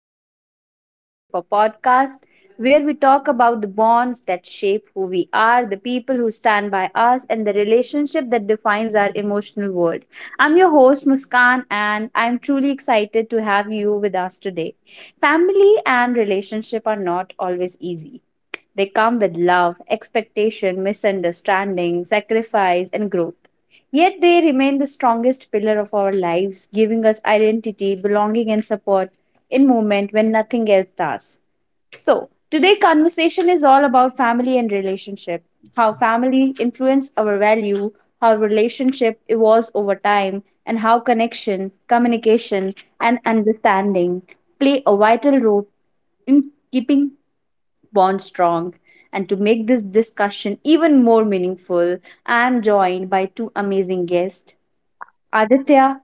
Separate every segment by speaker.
Speaker 1: to Roots and Relationship, a podcast where we talk about the bonds that shape who we are, the people who stand by us, and the relationship that defines our emotional world. I'm your host, Muskan, and I'm truly excited to have you with us today. Family and relationship are not always easy. They come with love, expectation, misunderstanding, sacrifice, and growth. Yet they remain the strongest pillar of our lives, giving us identity, belonging, and support in moment when nothing else does. So, today conversation is all about family and relationship, how family influence our value, how relationship evolves over time, and how connection, communication, and understanding play a vital role in keeping bond strong. And to make this discussion even more meaningful, I am joined by two amazing guests Aditya,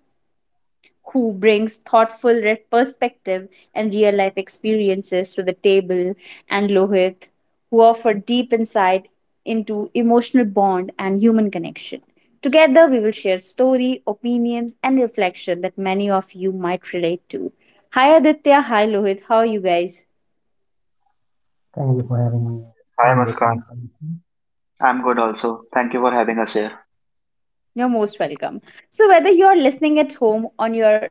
Speaker 1: who brings thoughtful perspective and real life experiences to the table, and Lohit, who offer deep insight into emotional bond and human connection. Together, we will share story, opinions, and reflection that many of you might relate to. Hi Aditya, hi Lohit, how are you guys?
Speaker 2: Thank you for having me.
Speaker 3: Hi
Speaker 2: I'm good,
Speaker 3: Muskan,
Speaker 2: thanks for listening.
Speaker 3: I'm good also. Thank you for having us here.
Speaker 1: You're most welcome. So, whether you're listening at home, on your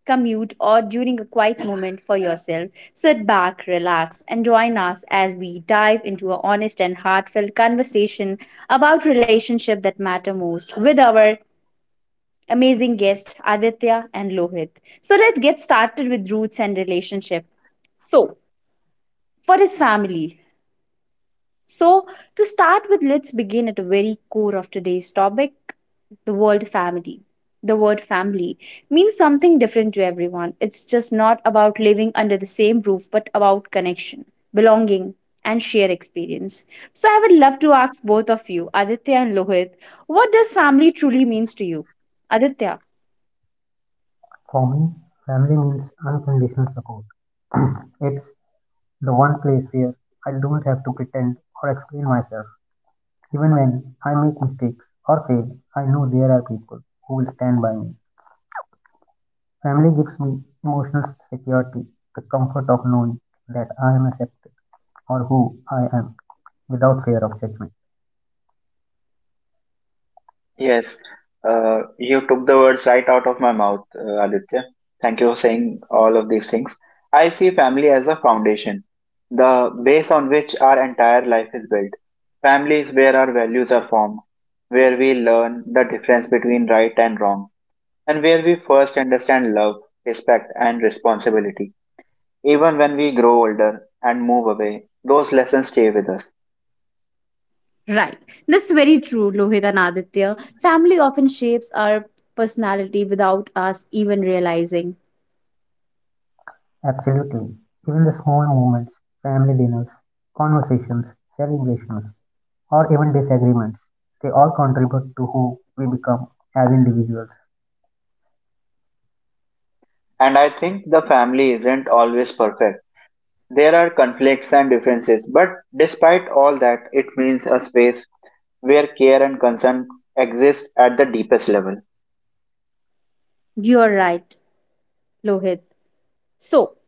Speaker 1: commute, or during a quiet moment for yourself, sit back, relax, and join us as we dive into a honest and heartfelt conversation about relationships that matter most with our amazing guests, Aditya and Lohit. So, let's get started with roots and relationship. So, for his family, So, To start with, let's begin at the very core of today's topic the word family. The word family means something different to everyone. It's just not about living under the same roof, but about connection, belonging, and shared experience. So, I would love to ask both of you, Aditya and Lohit, what does family truly means to you? Aditya,
Speaker 2: For me, family means unconditional support. It's the one place where I don't have to pretend or explain myself. Even when I make mistakes or fail, I know there are people who will stand by me. Family gives me emotional security, the comfort of knowing that I am accepted or who I am without fear of judgment.
Speaker 3: Yes, you took the words right out of my mouth, Aditya. Thank you for saying all of these things. I see family as a foundation, the base on which our entire life is built. Family is where our values are formed, where we learn the difference between right and wrong, and where we first understand love, respect, and responsibility. Even when we grow older and move away, those lessons stay with us.
Speaker 1: right. That's very true, Lohit and Aditya. Family often shapes our personality without us even realizing.
Speaker 2: Absolutely. Even the small moments, family dinners, conversations, celebrations, or even disagreements. They all contribute to who we become as individuals.
Speaker 3: And I think the family isn't always perfect. There are conflicts and differences, but despite all that, it means a space where care and concern exist at the deepest level.
Speaker 1: You're right. Lohit. So,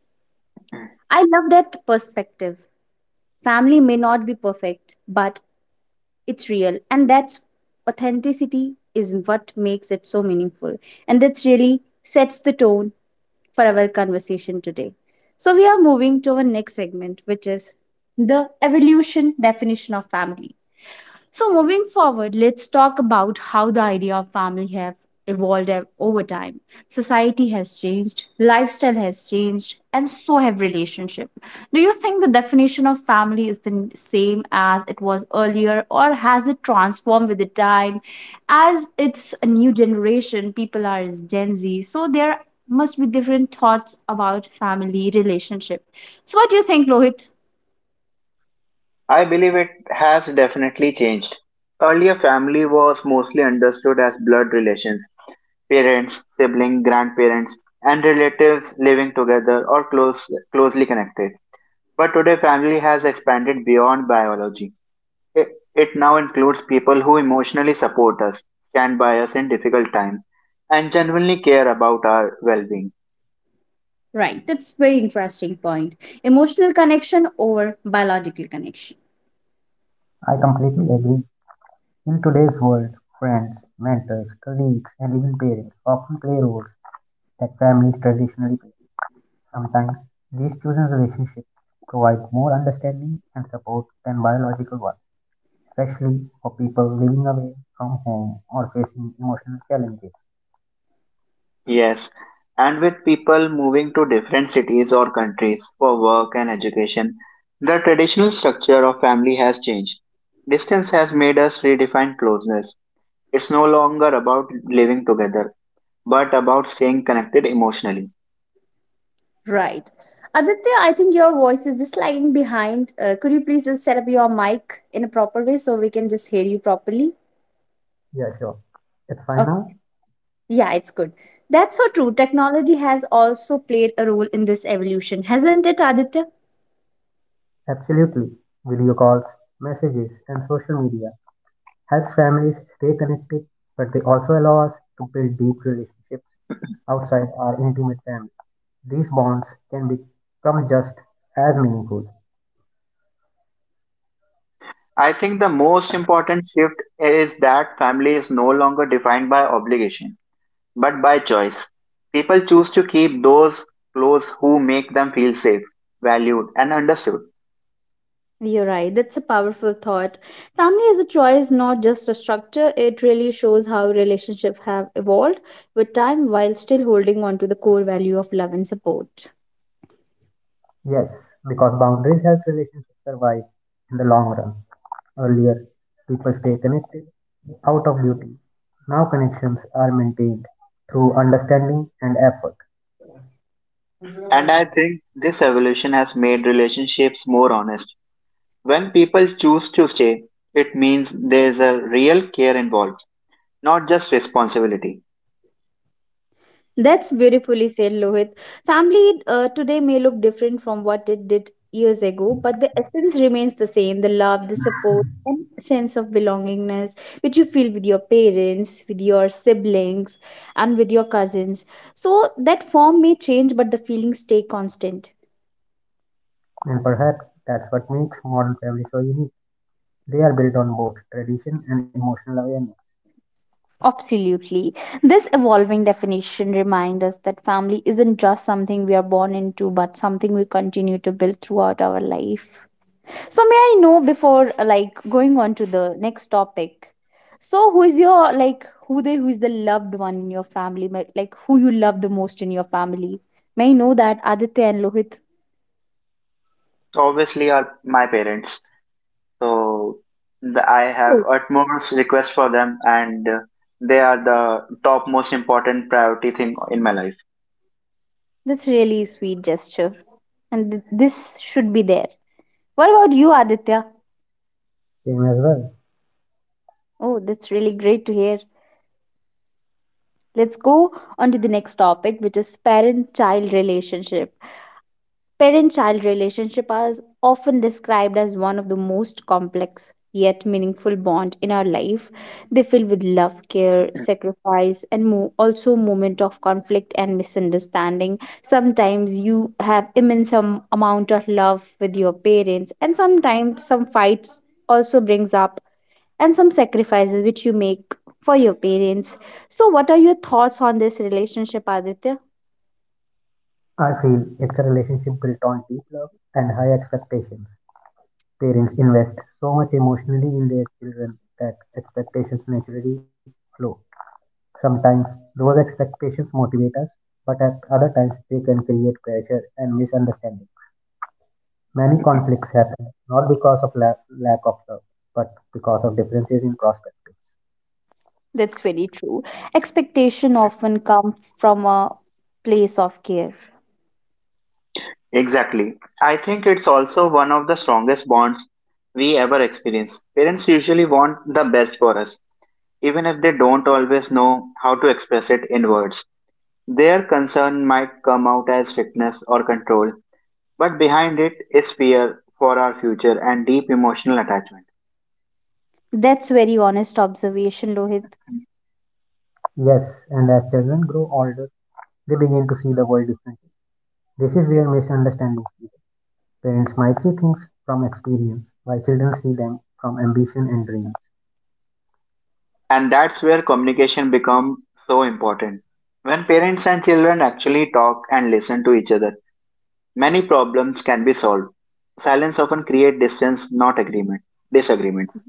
Speaker 1: I love that perspective. Family may not be perfect, but it's real. And that's authenticity is what makes it so meaningful. And that's really sets the tone for our conversation today. So, we are moving to our next segment, which is the evolution definition of family. So, moving forward, let's talk about how the idea of family have evolved over time. Society has changed, lifestyle has changed, and so have relationship. Do you think the definition of family is the same as it was earlier, or has it transformed with the time? As it's a new generation, people are as Gen Z, so there must be different thoughts about family relationship. So, what do you think, Lohit?
Speaker 3: I believe it has definitely changed. Earlier, family was mostly understood as blood relations parents, siblings, grandparents, and relatives living together or close, closely connected. But today, family has expanded beyond biology. It, it now includes people who emotionally support us, stand by us in difficult times, and genuinely care about our well being.
Speaker 1: Right, that's very interesting point. Emotional connection over biological connection.
Speaker 2: I completely agree. In today's world, friends, mentors, colleagues, and even parents often play roles that families traditionally play. Sometimes these chosen relationships provide more understanding and support than biological ones, especially for people living away from home or facing emotional challenges.
Speaker 3: Yes, and with people moving to different cities or countries for work and education, the traditional structure of family has changed. Distance has made us redefine closeness. It's no longer about living together, but about staying connected emotionally.
Speaker 1: Right. Aditya, I think your voice is just lagging behind. Could you please just set up your mic in a proper way so we can just hear you properly?
Speaker 2: Yeah, sure. It's fine now?
Speaker 1: Yeah, it's good. That's so true. Technology has also played a role in this evolution, hasn't it, Aditya?
Speaker 2: Absolutely. Video calls, messages, and social media helps families stay connected, but they also allow us to build deep relationships outside our intimate families. These bonds can become just as meaningful.
Speaker 3: I think the most important shift is that family is no longer defined by obligation but by choice. People choose to keep those close who make them feel safe, valued, and understood.
Speaker 1: You're right, that's a powerful thought. Family is a choice, not just a structure. It really shows how relationships have evolved with time while still holding on to the core value of love and support.
Speaker 2: Yes, because boundaries help relationships survive in the long run. Earlier, people stay connected out of duty. Now connections are maintained through understanding and effort.
Speaker 3: And I think this evolution has made relationships more honest. When people choose to stay, it means there's a real care involved, not just responsibility.
Speaker 1: That's beautifully said, Lohit. Family today may look different from what it did years ago, but the essence remains the same the love, the support, and sense of belongingness which you feel with your parents, with your siblings, and with your cousins. So that form may change, but the feelings stay constant.
Speaker 2: And perhaps that's what makes modern families so unique. They are built on both tradition and emotional awareness.
Speaker 1: Absolutely. This evolving definition reminds us that family isn't just something we are born into, but something we continue to build throughout our life. So may I know before like going on to the next topic. So who is your like who the who is the loved one in your family? Like who you love the most in your family? May I know that Aditya and Lohit?
Speaker 3: Obviously, are my parents, so the, I
Speaker 1: Oh,
Speaker 3: have utmost request for them, and they are the top most important priority thing in my life.
Speaker 1: that's really sweet gesture, and this should be there. What about you, Aditya?
Speaker 2: Same as well.
Speaker 1: Oh, that's really great to hear. Let's go on to the next topic, which is parent-child relationship. Parent child relationship is often described as one of the most complex yet meaningful bond in our life. They fill with love, care, sacrifice, and also moment of conflict and misunderstanding. Sometimes you have immense amount of love with your parents, and sometimes some fights also brings up and some sacrifices which you make for your parents. So, what are your thoughts on this relationship, Aditya?
Speaker 2: I feel it's a relationship built on deep love and high expectations. Parents invest so much emotionally in their children that expectations naturally flow. Sometimes those expectations motivate us, but at other times they can create pressure and misunderstandings. Many conflicts happen not because of lack of love, but because of differences in perspectives.
Speaker 1: That's very true. Expectation often come from a place of care.
Speaker 3: Exactly. I think it's also one of the strongest bonds we ever experience. Parents usually want the best for us, even if they don't always know how to express it in words. Their concern might come out as strictness or control, but behind it is fear for our future and deep emotional attachment.
Speaker 1: That's very honest observation, Lohit.
Speaker 2: Yes, and as children grow older, they begin to see the world differently. This is where misunderstandings begin. Parents might see things from experience, while children see them from ambition and dreams.
Speaker 3: And that's where communication becomes so important. When parents and children actually talk and listen to each other, many problems can be solved. Silence often creates distance, not agreement, disagreements.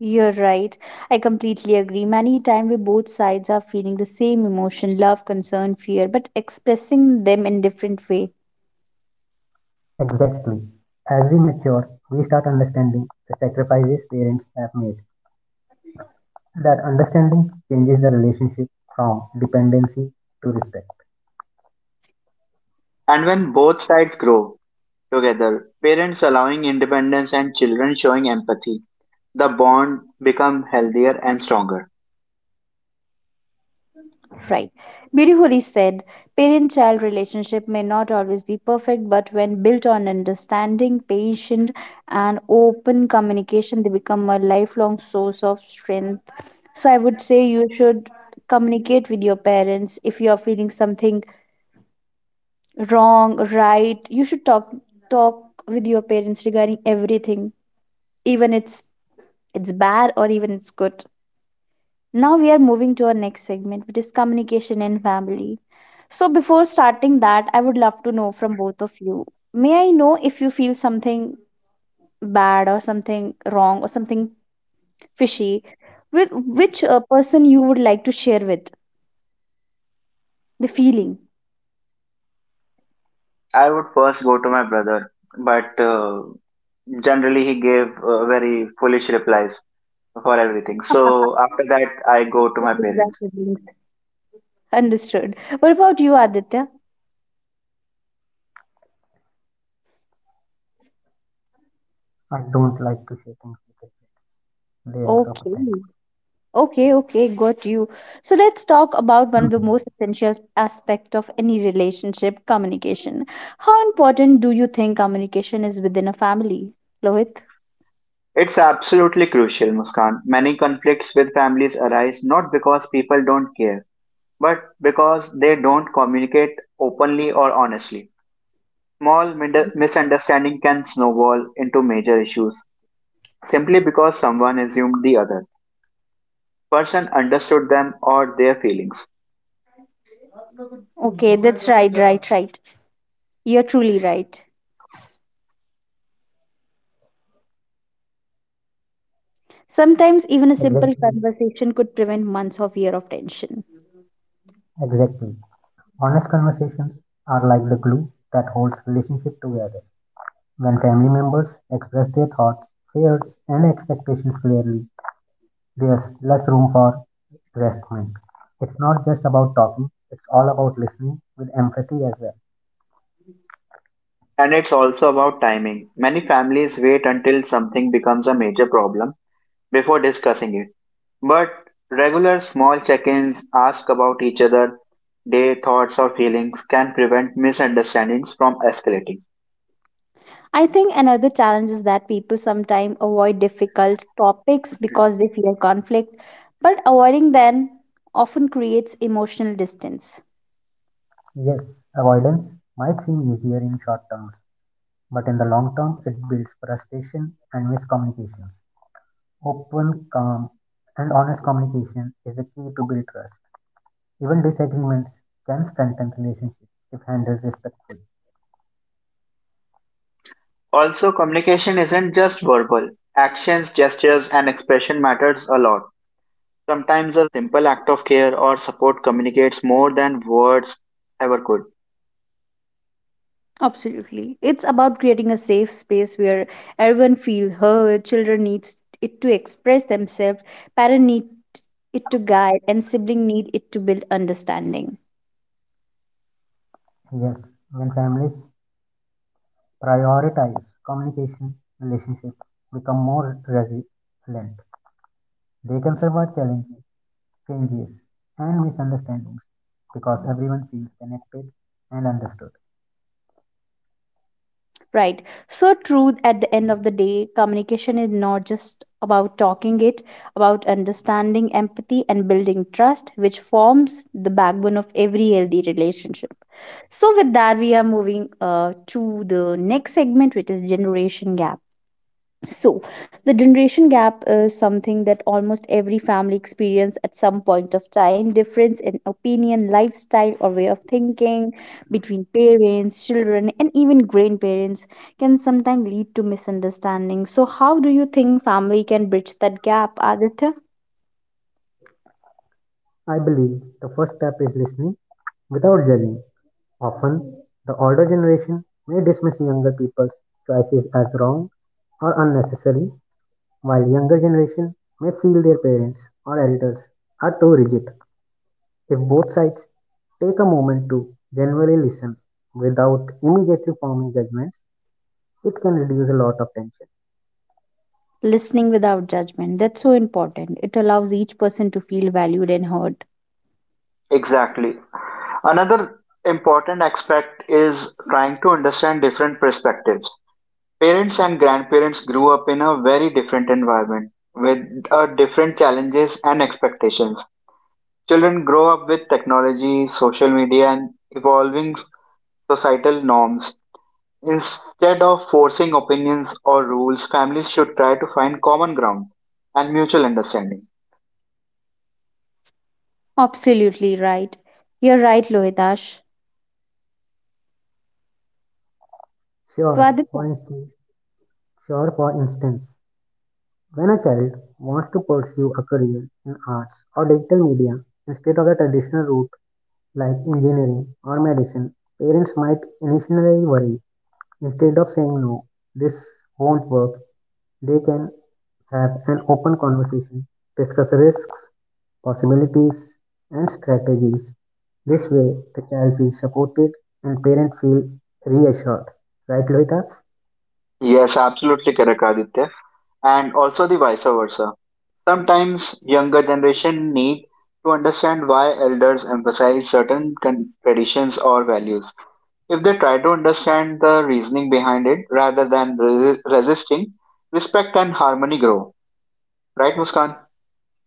Speaker 1: You're right. I completely agree. Many times we both sides are feeling the same emotion, love, concern, fear, but expressing them in different way.
Speaker 2: Exactly. As we mature, we start understanding the sacrifices parents have made. That understanding changes the relationship from dependency to respect.
Speaker 3: And when both sides grow together, parents allowing independence and children showing empathy, the bond become healthier and stronger.
Speaker 1: Right. Beautifully said. Parent-child relationship may not always be perfect, but when built on understanding, patient, and open communication, they become a lifelong source of strength. So I would say you should communicate with your parents if you are feeling something wrong, right. You should talk with your parents regarding everything, even it's bad or even it's good. Now we are moving to our next segment, which is communication in family. So before starting that, I would love to know from both of you. May I know if you feel something bad or something wrong or something fishy with which person you would like to share with the feeling?
Speaker 3: I would first go to my brother, but generally he gave very foolish replies for everything. So after that, I go to my
Speaker 1: Siblings are
Speaker 3: parents.
Speaker 1: siblings. Understood. What about you, Aditya?
Speaker 2: I don't like to say things because they are so
Speaker 1: Okay.
Speaker 2: pathetic.
Speaker 1: Okay, okay, got you. So let's talk about one of the most essential aspect of any relationship, communication. How important do you think communication is within a family, Lohit?
Speaker 3: It's absolutely crucial, Muskan. Many conflicts with families arise not because people don't care but because they don't communicate openly or honestly. Small misunderstanding can snowball into major issues simply because someone assumed the other person understood them or their feelings.
Speaker 1: Okay, that's right, right, right. You're truly right. Sometimes even a simple
Speaker 2: Exactly.
Speaker 1: conversation could prevent months of year of tension.
Speaker 2: Exactly. Honest conversations are like the glue that holds relationship together. When family members express their thoughts, fears, and expectations clearly, there's less room for investment. It's not just about talking, it's all about listening with empathy as well.
Speaker 3: And it's also about timing. Many families wait until something becomes a major problem before discussing it. But regular small check-ins, ask about each other, their thoughts or feelings can prevent misunderstandings from escalating.
Speaker 1: I think another challenge is that people sometimes avoid difficult topics because they fear conflict, but avoiding them often creates emotional distance.
Speaker 2: Yes, avoidance might seem easier in short terms, but in the long term, it builds frustration and miscommunications. Open, calm, and honest communication is the key to build trust. Even disagreements can strengthen relationships if handled respectfully.
Speaker 3: Also, communication isn't just verbal. Actions, gestures, and expression matters a lot. Sometimes a simple act of care or support communicates more than words ever could.
Speaker 1: Absolutely. It's about creating a safe space where everyone feels heard, children needs it to express themselves, parents need it to guide, and sibling need it to build understanding.
Speaker 2: Yes, when families prioritize communication, relationships become more resilient. They can survive challenges, changes, and misunderstandings because everyone feels connected and understood.
Speaker 1: Right. So true at the end of the day, communication is not just about talking it, about understanding empathy and building trust, which forms the backbone of every healthy relationship. So with that, we are moving to the next segment, which is generation gap. So, the generation gap is something that almost every family experience at some point of time. Difference in opinion, lifestyle, or way of thinking between parents, children, and even grandparents can sometimes lead to misunderstanding. So, how do you think family can bridge that gap, Aditya?
Speaker 2: I believe the first step is listening without judging. Often, the older generation may dismiss younger people's choices as wrong or unnecessary, while younger generation may feel their parents or elders are too rigid. If both sides take a moment to genuinely listen without immediately forming judgments, it can reduce a lot of tension.
Speaker 1: Listening without judgment. That's so important. It allows each person to feel valued and heard.
Speaker 3: Exactly. Another important aspect is trying to understand different perspectives. Parents and grandparents grew up in a very different environment with different challenges and expectations. Children grow up with technology, social media, and evolving societal norms. Instead of forcing opinions or rules, families should try to find common ground and mutual understanding.
Speaker 1: Absolutely right. You're right, Lohitash. So,
Speaker 2: Sure,
Speaker 1: Aditya.
Speaker 2: for instance, sure, for instance, when a child wants to pursue a career in arts or digital media instead of a traditional route like engineering or medicine, parents might initially worry. Instead of saying no, this won't work, they can have an open conversation, discuss risks, possibilities, and strategies. This way, the child feels supported and parents feel reassured. Right, Lohita?
Speaker 3: Yes, absolutely correct, Aditya. And also the vice versa. Sometimes younger generation need to understand why elders emphasize traditions or values. If they try to understand the reasoning behind it rather than resisting, respect and harmony grow. Right, Muskan?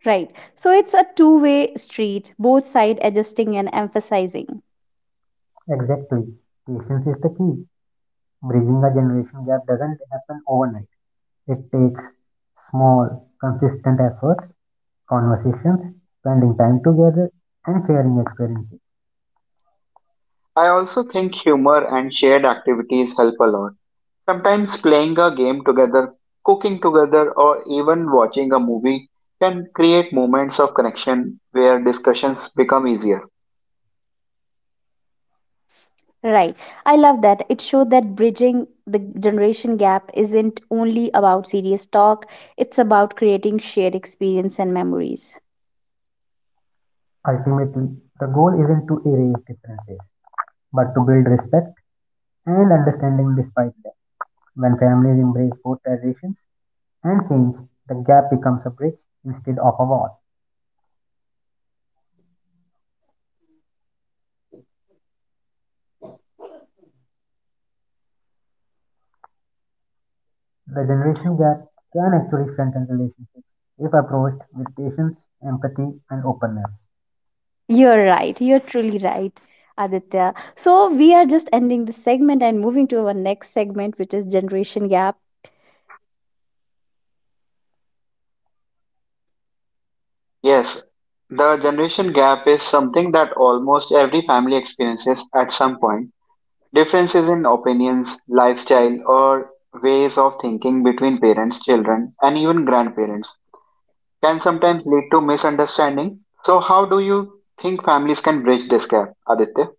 Speaker 1: Right. So it's a two-way street, both side adjusting and emphasizing.
Speaker 2: Exactly. Patience is the key. Bridging the generation gap doesn't happen overnight. It takes small, consistent efforts, conversations, spending time together, and sharing experiences.
Speaker 3: I also think humor and shared activities help a lot. Sometimes playing a game together, cooking together, or even watching a movie can create moments of connection where discussions become easier.
Speaker 1: Right. I love that. It showed that bridging the generation gap isn't only about serious talk, it's about creating shared experience and memories.
Speaker 2: Ultimately, the goal isn't to erase differences, but to build respect and understanding despite them. When families embrace both traditions and change, the gap becomes a bridge instead of a wall. The generation gap can actually strengthen relationships if approached with patience, empathy, and openness.
Speaker 1: You're right. You're truly right, Aditya. So we are just ending the segment and moving to our next segment, which is generation gap.
Speaker 3: Yes, the generation gap is something that almost every family experiences at some point. Differences in opinions, lifestyle, or ways of thinking between parents, children, and even grandparents can sometimes lead to misunderstanding. So, how do you think families can bridge this gap, Aditya?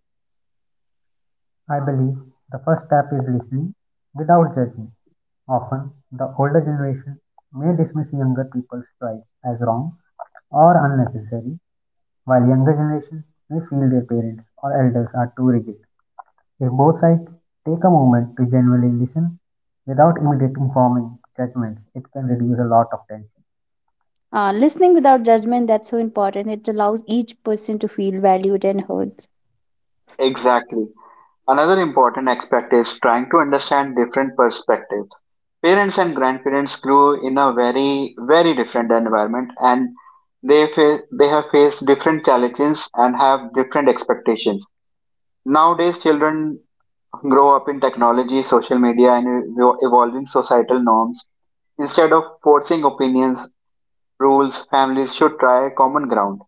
Speaker 2: I believe the first step is listening without judging. Often, the older generation may dismiss younger people's rights as wrong or unnecessary, while younger generation may feel their parents or elders are too rigid. If both sides take a moment to genuinely listen without immediately informing judgments, it can reduce a lot of tension.
Speaker 1: Listening without judgment, that's so important. It allows each person to feel valued and heard.
Speaker 3: Exactly. Another important aspect is trying to understand different perspectives. Parents and grandparents grew in a very different environment and they have faced different challenges and have different expectations. Nowadays, children grow up in technology, social media, and evolving societal norms. Instead of forcing opinions, rules, families should try common ground.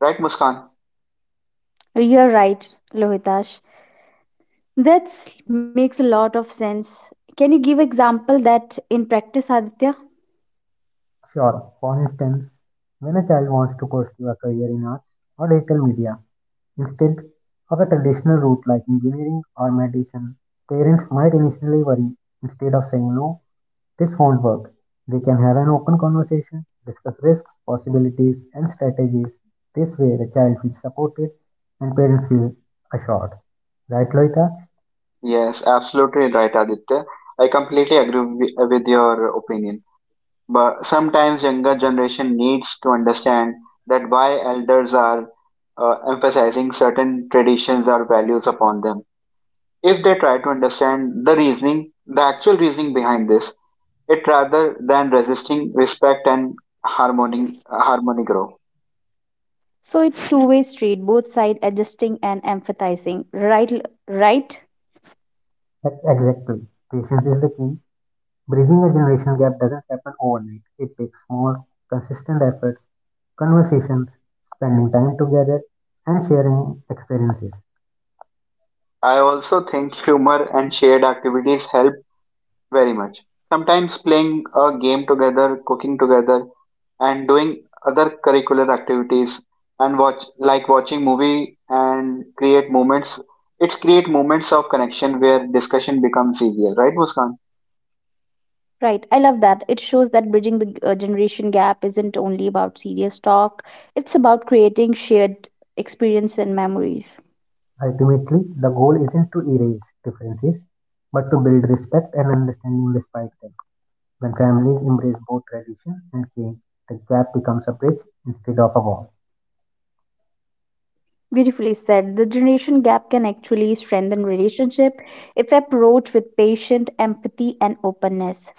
Speaker 3: Right, Muskan?
Speaker 1: You're right, Lohitash. That makes a lot of sense. Can you give example that in practice, Aditya?
Speaker 2: Sure, for instance, when a child wants to pursue a career in arts or digital media instead of a traditional route like engineering or medicine, parents might initially worry instead of saying no, this won't work. They can have an open conversation, discuss risks, possibilities, and strategies. This way, the child feels supported and parents feel assured. Right, Loita?
Speaker 3: Yes, absolutely right, Aditya. I completely agree with your opinion. But sometimes younger generation needs to understand that why elders are emphasizing certain traditions or values upon them. If they try to understand the reasoning, the actual reasoning behind this, it rather than resisting respect and harmony grow.
Speaker 1: So it's two-way street, both side adjusting and empathizing. Right,
Speaker 2: Exactly. Patience is the key. Bridging a generational gap doesn't happen overnight. It takes more consistent efforts conversations, spending time together, and sharing experiences.
Speaker 3: I also think humor and shared activities help very much. Sometimes playing a game together, cooking together, and doing other curricular activities and watch like watching movie and create moments it's create moments of connection where discussion becomes easier, right Muskan?
Speaker 1: right. I love that. It shows that bridging the generation gap isn't only about serious talk. It's about creating shared experience and memories.
Speaker 2: Ultimately, the goal isn't to erase differences, but to build respect and understanding despite them. When families embrace both tradition and change, the gap becomes a bridge instead of a wall.
Speaker 1: Beautifully said. The generation gap can actually strengthen relationship if approached with patient empathy and openness.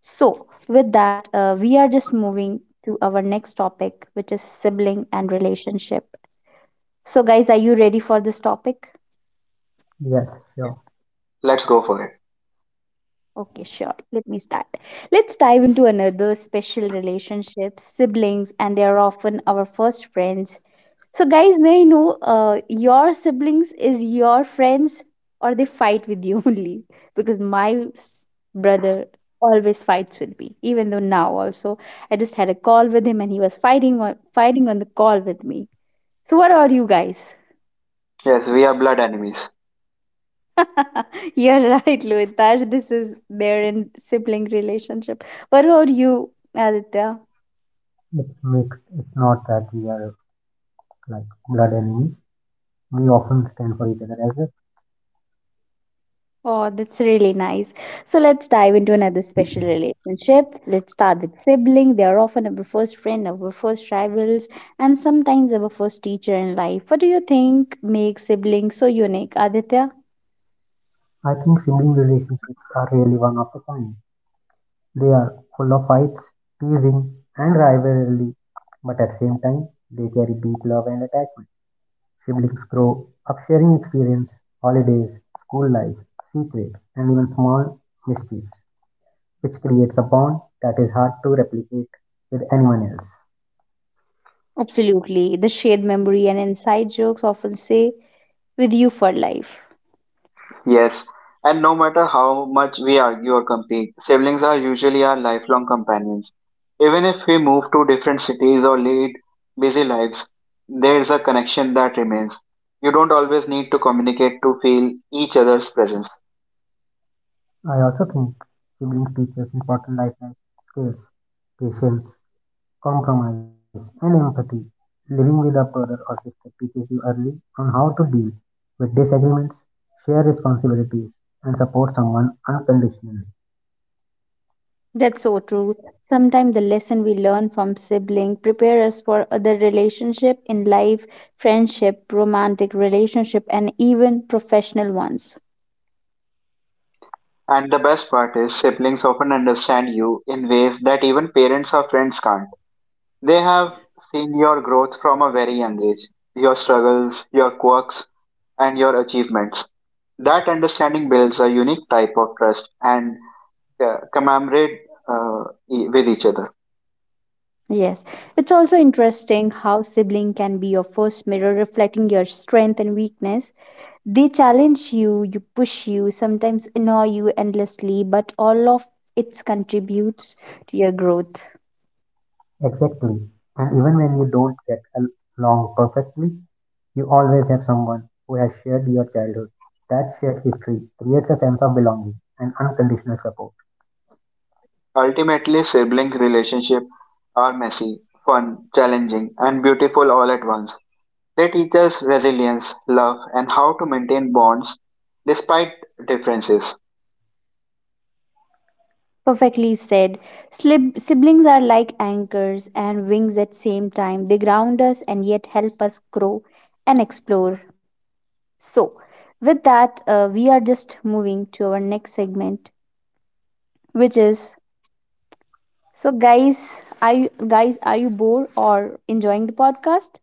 Speaker 1: So, with that, we are just moving to our next topic, which is sibling and relationship. So, guys, are you ready for this topic?
Speaker 2: Yes, sure.
Speaker 3: Let's go for it.
Speaker 1: Okay, sure. Let me start. Let's dive into another special relationship, siblings, and they are often our first friends. So, guys, may I know your siblings is your friends or they fight with you only? Because my brother always fights with me, even though now also I just had a call with him and he was fighting on the call with me. So, what are you guys?
Speaker 3: Yes, we are blood enemies.
Speaker 1: You're right, Lohitaj. This is there in sibling relationship. What about you, Aditya?
Speaker 2: It's mixed. It's not that we are like blood enemies. We often stand for each other as well.
Speaker 1: Oh, that's really nice. So let's dive into another special relationship. Let's start with sibling. They are often our first friend, our first rivals, and sometimes our first teacher in life. What do you think makes siblings so unique, Aditya?
Speaker 2: I think sibling relationships are really one of a kind. They are full of fights, teasing, and rivalry, but at the same time, they carry deep love and attachment. Siblings grow up sharing experience, holidays, school life, secrets, and even small mischiefs, which creates a bond that is hard to replicate with anyone else.
Speaker 1: Absolutely. The shared memory and inside jokes often say with you for life.
Speaker 3: Yes, and no matter how much we argue or compete, siblings are usually our lifelong companions. Even if we move to different cities or lead busy lives, there is a connection that remains. You don't always need to communicate to feel each other's presence.
Speaker 2: I also think siblings teach us important life skills, patience, compromise and empathy. Living with a brother or sister teaches you early on how to deal with disagreements, share responsibilities, and support someone unconditionally.
Speaker 1: That's so true. Sometimes the lesson we learn from sibling prepare us for other relationship in life, friendship, romantic relationship, and even professional ones.
Speaker 3: And the best part is, siblings often understand you in ways that even parents or friends can't. They have seen your growth from a very young age, your struggles, your quirks, and your achievements. That understanding builds a unique type of trust and commemorate uh, with each other.
Speaker 1: Yes, it's also interesting how sibling can be your first mirror reflecting your strength and weakness. They challenge you, you push you, sometimes annoy you endlessly, but all of it contributes to your growth.
Speaker 2: Exactly. And even when you don't get along perfectly, you always have someone who has shared your childhood. That shared history creates a sense of belonging and unconditional support.
Speaker 3: Ultimately, sibling relationships are messy, fun, challenging, and beautiful all at once. They teach us resilience, love, and how to maintain bonds despite differences.
Speaker 1: Perfectly said. Siblings are like anchors and wings at same time. They ground us and yet help us grow and explore. So with that, we are just moving to our next segment, which is... So, guys are you bored or enjoying the podcast?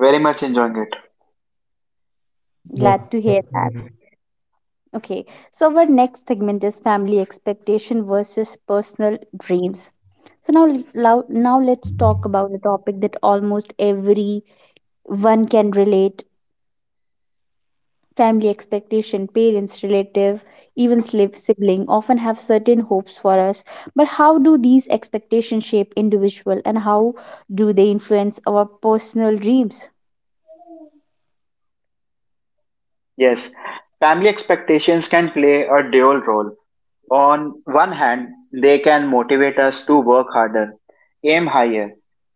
Speaker 3: Very much enjoying it.
Speaker 2: Yes,
Speaker 1: Glad to
Speaker 2: it's
Speaker 1: hear
Speaker 2: very
Speaker 1: that.
Speaker 2: good.
Speaker 1: Okay, so our next segment is family expectation versus personal dreams. So now let's talk about the topic that almost everyone can relate. Family expectation, parents, relative, even slip sibling often have certain hopes for us. But how do these expectations shape individual, and how do they influence our personal dreams?
Speaker 3: Yes, family expectations can play a dual role. On one hand, they can motivate us to work harder, aim higher,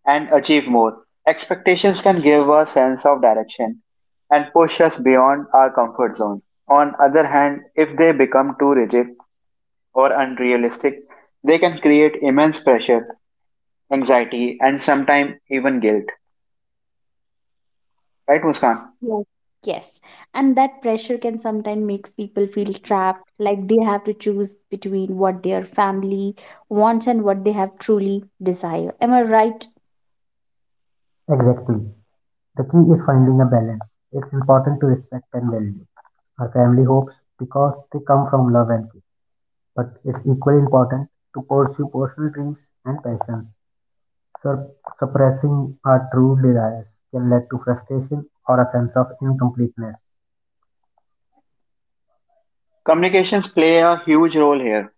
Speaker 3: and achieve more. Expectations can give a sense of direction and push us beyond our comfort zones. On other hand, if they become too rigid or unrealistic, they can create immense pressure anxiety, and sometimes even guilt. Right, Muskan?
Speaker 1: Yes. Yes. And that pressure can sometimes makes people feel trapped, like they have to choose between what their family wants and what they have truly desire. Am I right?
Speaker 2: Exactly. The key is finding a balance. It's important to respect and value our family hopes because they come from love and faith. But it's equally important to pursue personal dreams and passions. Sur- suppressing our true desires can lead to frustration or a sense of incompleteness.
Speaker 3: Communications play a huge role here.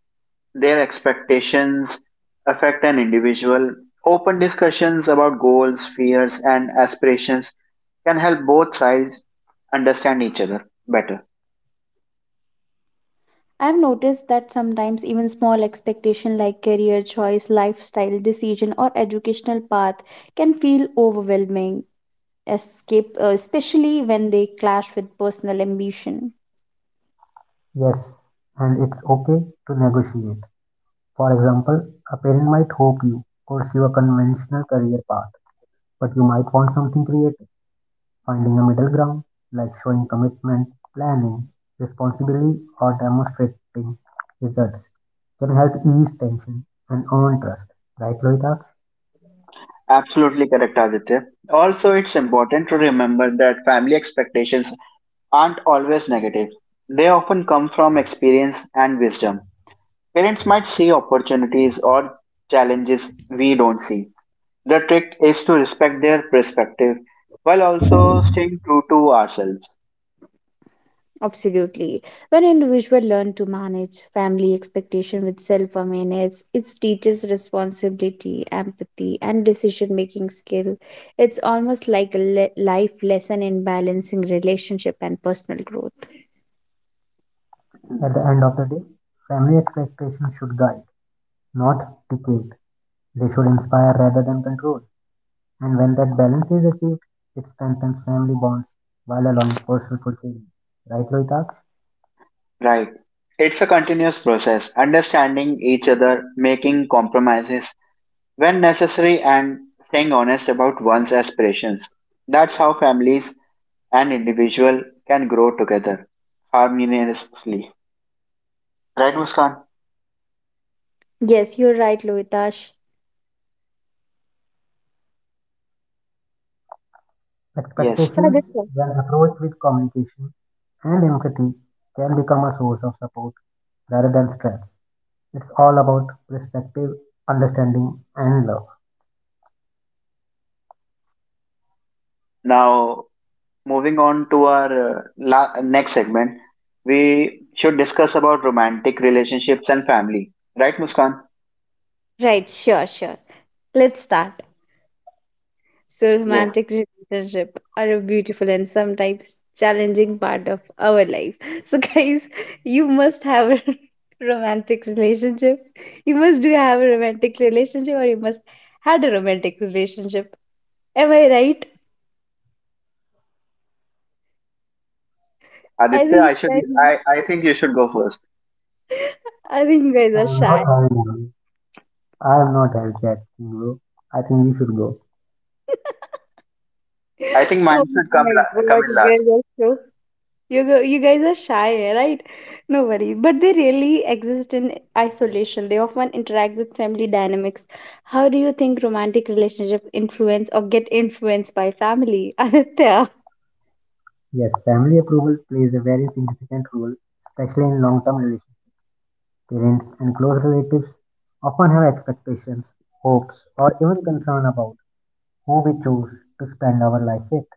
Speaker 3: Their expectations affect an individual. Open discussions about goals, fears, and aspirations can help both sides understand each other better.
Speaker 1: I've noticed that sometimes even small expectation like career choice, lifestyle decision or educational path can feel overwhelming, especially when they clash with personal ambition.
Speaker 2: Yes, and it's okay to negotiate. For example, a parent might hope you pursue a conventional career path, but you might want something creative. Finding a middle ground, like showing commitment, planning responsibility, or demonstrating results, can help ease tension and earn trust. Right, Loitaksh?
Speaker 3: Absolutely correct, Aditya. Also, it's important to remember that family expectations aren't always negative. They often come from experience and wisdom. Parents might see opportunities or challenges we don't see. The trick is to respect their perspective while also staying true to ourselves.
Speaker 1: Absolutely. When individuals learn to manage family expectation with self-awareness, it teaches responsibility, empathy, and decision-making skill. It's almost like a life lesson in balancing relationship and personal growth.
Speaker 3: Mm,
Speaker 2: At the end of the day, family expectations should guide, not dictate. They should inspire rather than control. And when that balance is achieved, it strengthens family bonds while allowing personal fulfillment. Right, Loitaksh?
Speaker 3: right. It's a continuous process, understanding each other, making compromises when necessary, and staying honest about one's aspirations. That's how families and individual can grow together harmoniously. Right, Muskan?
Speaker 1: Yes, you're right, Loitash.
Speaker 3: Yes.
Speaker 1: So I
Speaker 2: Expectations,
Speaker 1: just-
Speaker 2: when approached with communication and empathy, can become a source of support rather than stress. It's all about perspective, understanding, and love.
Speaker 3: Now moving on to our next segment, we should discuss about romantic relationships and family. Right, Muskan?
Speaker 1: Right, sure, sure. Let's start. So,
Speaker 3: Yes.
Speaker 1: romantic relationship are a beautiful and sometimes challenging part of our life. So, guys, you must have a romantic relationship. You must do have a romantic relationship, or you must had a romantic relationship. Am I right? I
Speaker 3: Aditya,
Speaker 1: think
Speaker 3: I should.
Speaker 1: you guys,
Speaker 3: I think you should go first.
Speaker 1: I think you guys are
Speaker 2: I'm
Speaker 1: shy.
Speaker 2: not having one. I'm not having that thing, bro. I think we should go.
Speaker 3: I think
Speaker 1: Oh
Speaker 3: mine should come
Speaker 1: my
Speaker 3: come
Speaker 1: god,
Speaker 3: in
Speaker 1: you
Speaker 3: last.
Speaker 1: guys are so... You go, you guys are shy, right? No worries. But they really exist in isolation. They often interact with family dynamics. How do you think romantic relationship influence or get influenced by family? Aditya.
Speaker 2: Yes, family approval plays a very significant role, especially in long term relationships. Parents and close relatives often have expectations, hopes, or even concern about who we choose to spend our life with.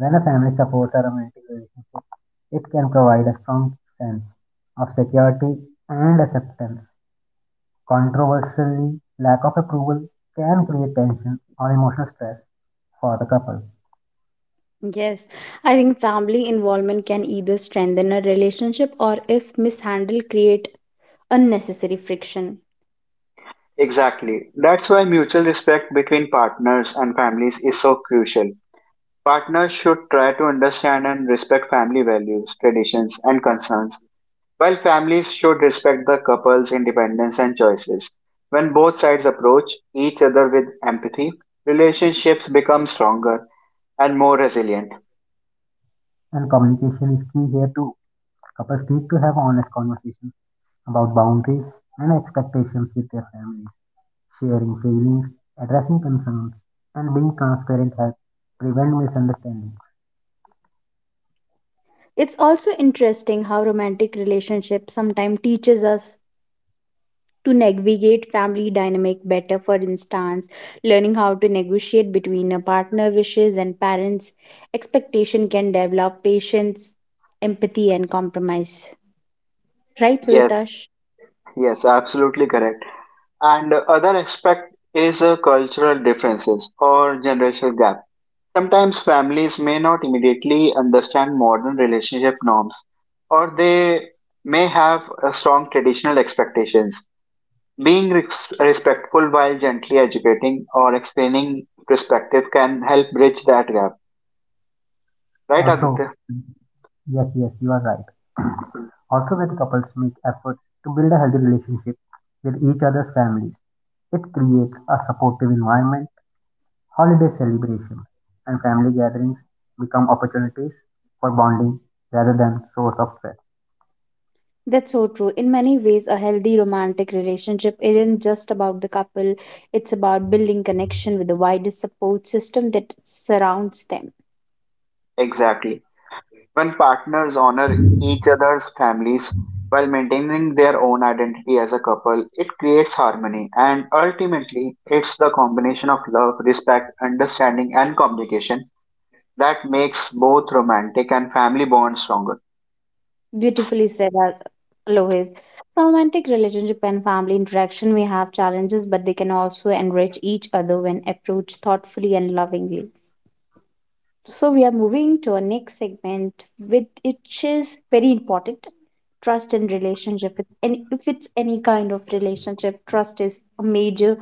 Speaker 2: When a family supports a romantic relationship, it can provide a strong sense of security and acceptance. Controversially, lack of approval can create tension or emotional stress for the couple.
Speaker 1: Yes, I think family involvement can either strengthen a relationship or, if mishandled, create unnecessary friction.
Speaker 3: Exactly. That's why mutual respect between partners and families is so crucial. Partners should try to understand and respect family values, traditions, and concerns. While families should respect the couple's independence and choices, when both sides approach each other with empathy, relationships become stronger and more resilient.
Speaker 2: And communication is key here too. Couples need to have honest conversations about boundaries and expectations with their families. Sharing feelings, addressing concerns, and being transparent help prevent misunderstandings.
Speaker 1: It's also interesting how romantic relationships sometimes teaches us to navigate family dynamic better, for instance learning how to negotiate between a partner wishes and parents expectation can develop patience, empathy and compromise, right
Speaker 3: Yes,
Speaker 1: Loritash?
Speaker 3: yes, absolutely correct. And the other aspect is cultural differences or generational gap. Sometimes families may not immediately understand modern relationship norms, or they may have strong traditional expectations. Being respectful while gently educating or explaining perspective can help bridge that gap. Right,
Speaker 2: Also,
Speaker 3: Aditya?
Speaker 2: yes, you are right. Also, when couples make efforts to build a healthy relationship with each other's families, it creates a supportive environment. Holiday celebrations and family gatherings become opportunities for bonding rather than source of stress.
Speaker 1: That's so true. In many ways a healthy romantic relationship isn't just about the couple, it's about building connection with the wider support system that surrounds them.
Speaker 3: Exactly. When partners honor each other's families while maintaining their own identity as a couple, it creates harmony and ultimately it's the combination of love, respect, understanding, and communication that makes both romantic and family bonds stronger.
Speaker 1: Beautifully said, Lohit. So romantic relationship and family interaction may have challenges, but they can also enrich each other when approached thoughtfully and lovingly. So we are moving to our next segment, with which is very important. Trust in relationship. If it's any kind of relationship, trust is a major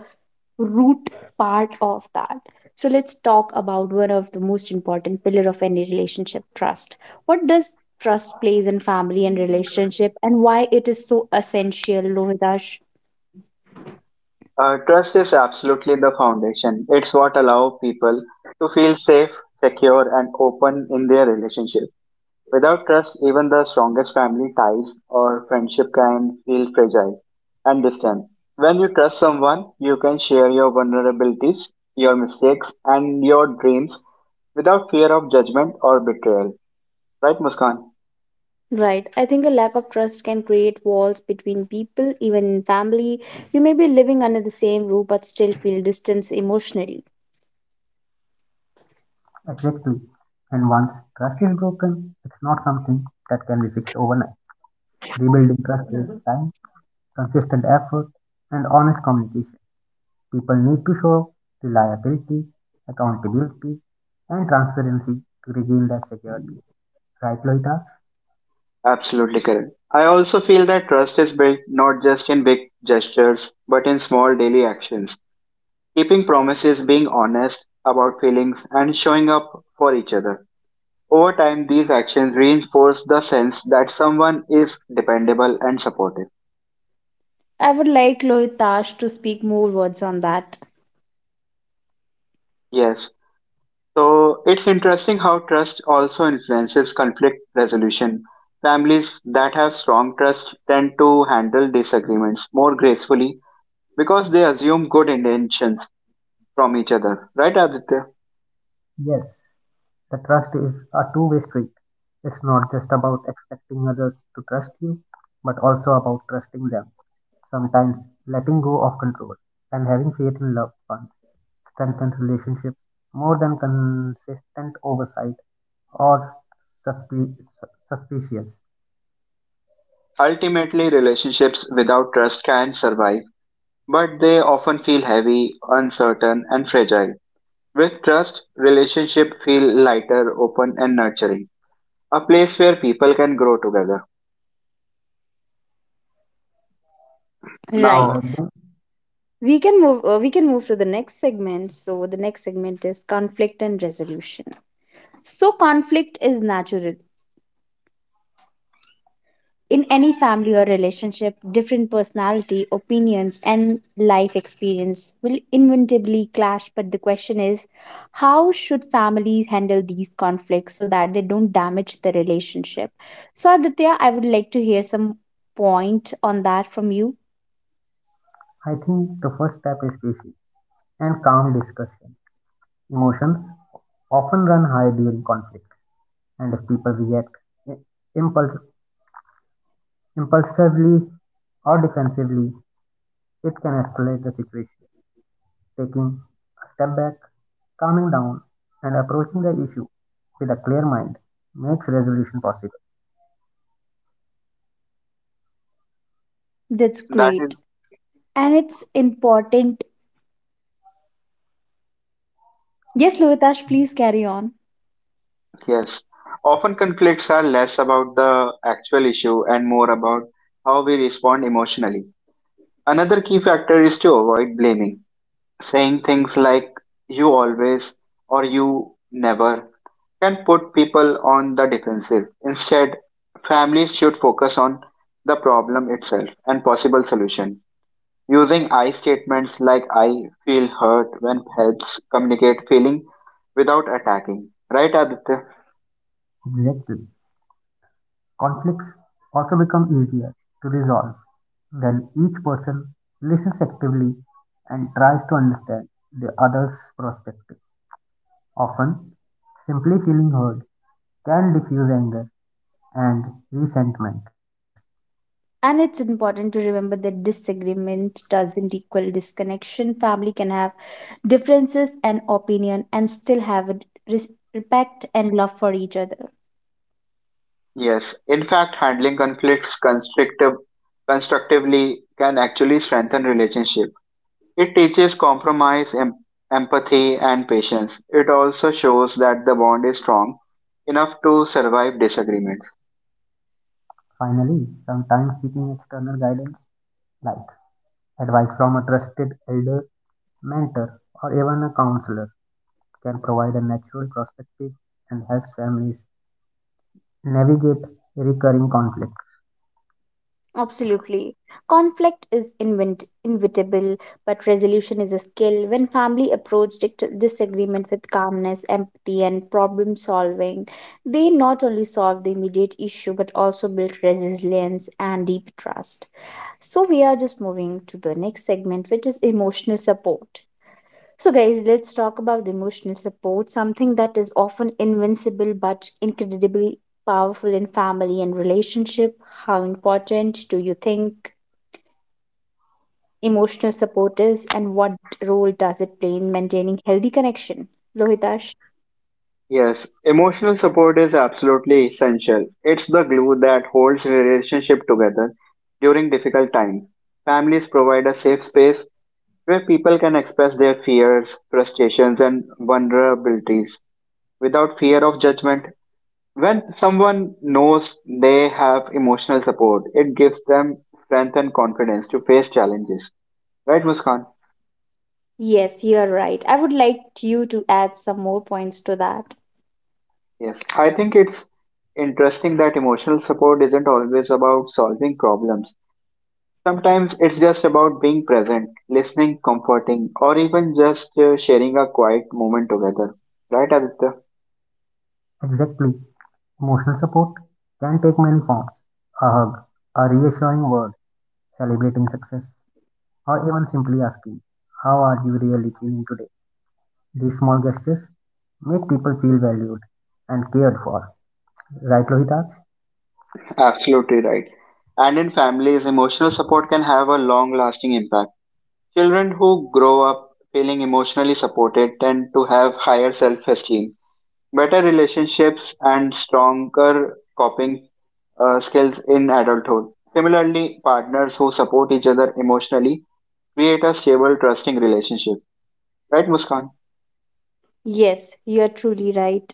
Speaker 1: root part of that. So let's talk about one of the most important pillar of any relationship, trust. What does trust plays in family and relationship and why it is so essential, Lohitash?
Speaker 3: Trust is absolutely the foundation. It's what allows people to feel safe, secure, and open in their relationship. Without trust, even the strongest family ties or friendship can feel fragile and distant. When you trust someone, you can share your vulnerabilities, your mistakes, and your dreams without fear of judgment or betrayal. Right, Muskan?
Speaker 1: Right. I think a lack of trust can create walls between people, even in family. You may be living under the same roof but still feel distance emotionally.
Speaker 2: Exactly. And once trust is broken, it's not something that can be fixed overnight. Rebuilding trust takes time, consistent effort, and honest communication. People need to show reliability, accountability, and transparency to regain that security. Right, Loita?
Speaker 3: Absolutely correct. I also feel that trust is built not just in big gestures, but in small daily actions. Keeping promises, being honest about feelings, and showing up for each other. Over time, these actions reinforce the sense that someone is dependable and supportive.
Speaker 1: I would like Lohitash to speak more words on that.
Speaker 3: Yes. So it's interesting how trust also influences conflict resolution. Families that have strong trust tend to handle disagreements more gracefully because they assume good intentions from each other. Right, Aditya?
Speaker 2: Yes. The trust is a two-way street. It's not just about expecting others to trust you, but also about trusting them. Sometimes letting go of control and having faith in loved ones strengthens relationships more than consistent oversight or suspicious.
Speaker 3: Ultimately, relationships without trust can survive but they often feel heavy, uncertain, and fragile. With trust, relationships feel lighter, open, and nurturing. A place where people can grow together.
Speaker 1: Right.
Speaker 3: Now,
Speaker 2: Alright then,
Speaker 1: We can move to the next segment. So the next segment is conflict and resolution. So conflict is natural. In any family or relationship, different personality, opinions and life experience will inevitably clash, but the question is how should families handle these conflicts so that they don't damage the relationship? So Aditya, I would like to hear some point on that from you.
Speaker 2: I think the first step is patience and calm discussion. Emotions often run high during conflicts, and if people react I- impulse impulsively or defensively, it can escalate the situation. Taking a step back, calming down, and approaching the issue with a clear mind makes resolution possible.
Speaker 1: That's
Speaker 3: that is,
Speaker 1: great. And it's important. Yes, Lovitash, please carry on.
Speaker 3: yes. Often conflicts are less about the actual issue and more about how we respond emotionally. Another key factor is to avoid blaming. Saying things like you always or you never can put people on the defensive. Instead, families should focus on the problem itself and possible solution. Using I statements like I feel hurt when helps communicate feeling without attacking. Right, Aditya?
Speaker 2: Exactly. Conflicts also become easier to resolve when each person listens actively and tries to understand the other's perspective. Often, simply feeling heard can diffuse anger and resentment.
Speaker 1: And it's important to remember that disagreement doesn't equal disconnection. Family can have differences and opinion and still have a respect and love for each other.
Speaker 3: Yes. In fact, handling conflicts constructively can actually strengthen relationship. It teaches compromise, empathy, and patience. It also shows that the bond is strong enough to survive disagreements.
Speaker 2: Finally, sometimes seeking external guidance like advice from a trusted elder, mentor, or even a counselor can provide a natural perspective and helps families navigate recurring conflicts.
Speaker 1: Absolutely. Conflict is inevitable, but resolution is a skill. When family approach disagreement with calmness, empathy, and problem solving, they not only solve the immediate issue but also build resilience and deep trust. So, we are just moving to the next segment, which is emotional support. So, guys, let's talk about the emotional support, something that is often invincible but incredibly powerful in family and relationship. How important do you think emotional support is, and what role does it play in maintaining healthy connection? Rohitash?
Speaker 3: Yes, emotional support is absolutely essential. It's the glue that holds relationship together during difficult times. Families provide a safe space where people can express their fears, frustrations, and vulnerabilities without fear of judgment. When someone knows they have emotional support, it gives them strength and confidence to face challenges. Right, Muskan?
Speaker 1: Yes, you are right. I would like you to add some more points to that.
Speaker 3: Yes. I think it's interesting that emotional support isn't always about solving problems. Sometimes it's just about being present, listening, comforting, or even just sharing a quiet moment together. Right, Aditya?
Speaker 2: Exactly, emotional support can take many forms: a hug, a reassuring word, celebrating success, or even simply asking, how are you really feeling today? These small gestures make people feel valued and cared for. Right, Lohitaksh?
Speaker 3: Absolutely right. And in families, emotional support can have a long lasting impact. Children who grow up feeling emotionally supported tend to have higher self esteem, better relationships, and stronger coping skills in adulthood. Similarly, partners who support each other emotionally create a stable, trusting relationship. Right, Muskan?
Speaker 1: Yes, you are truly right.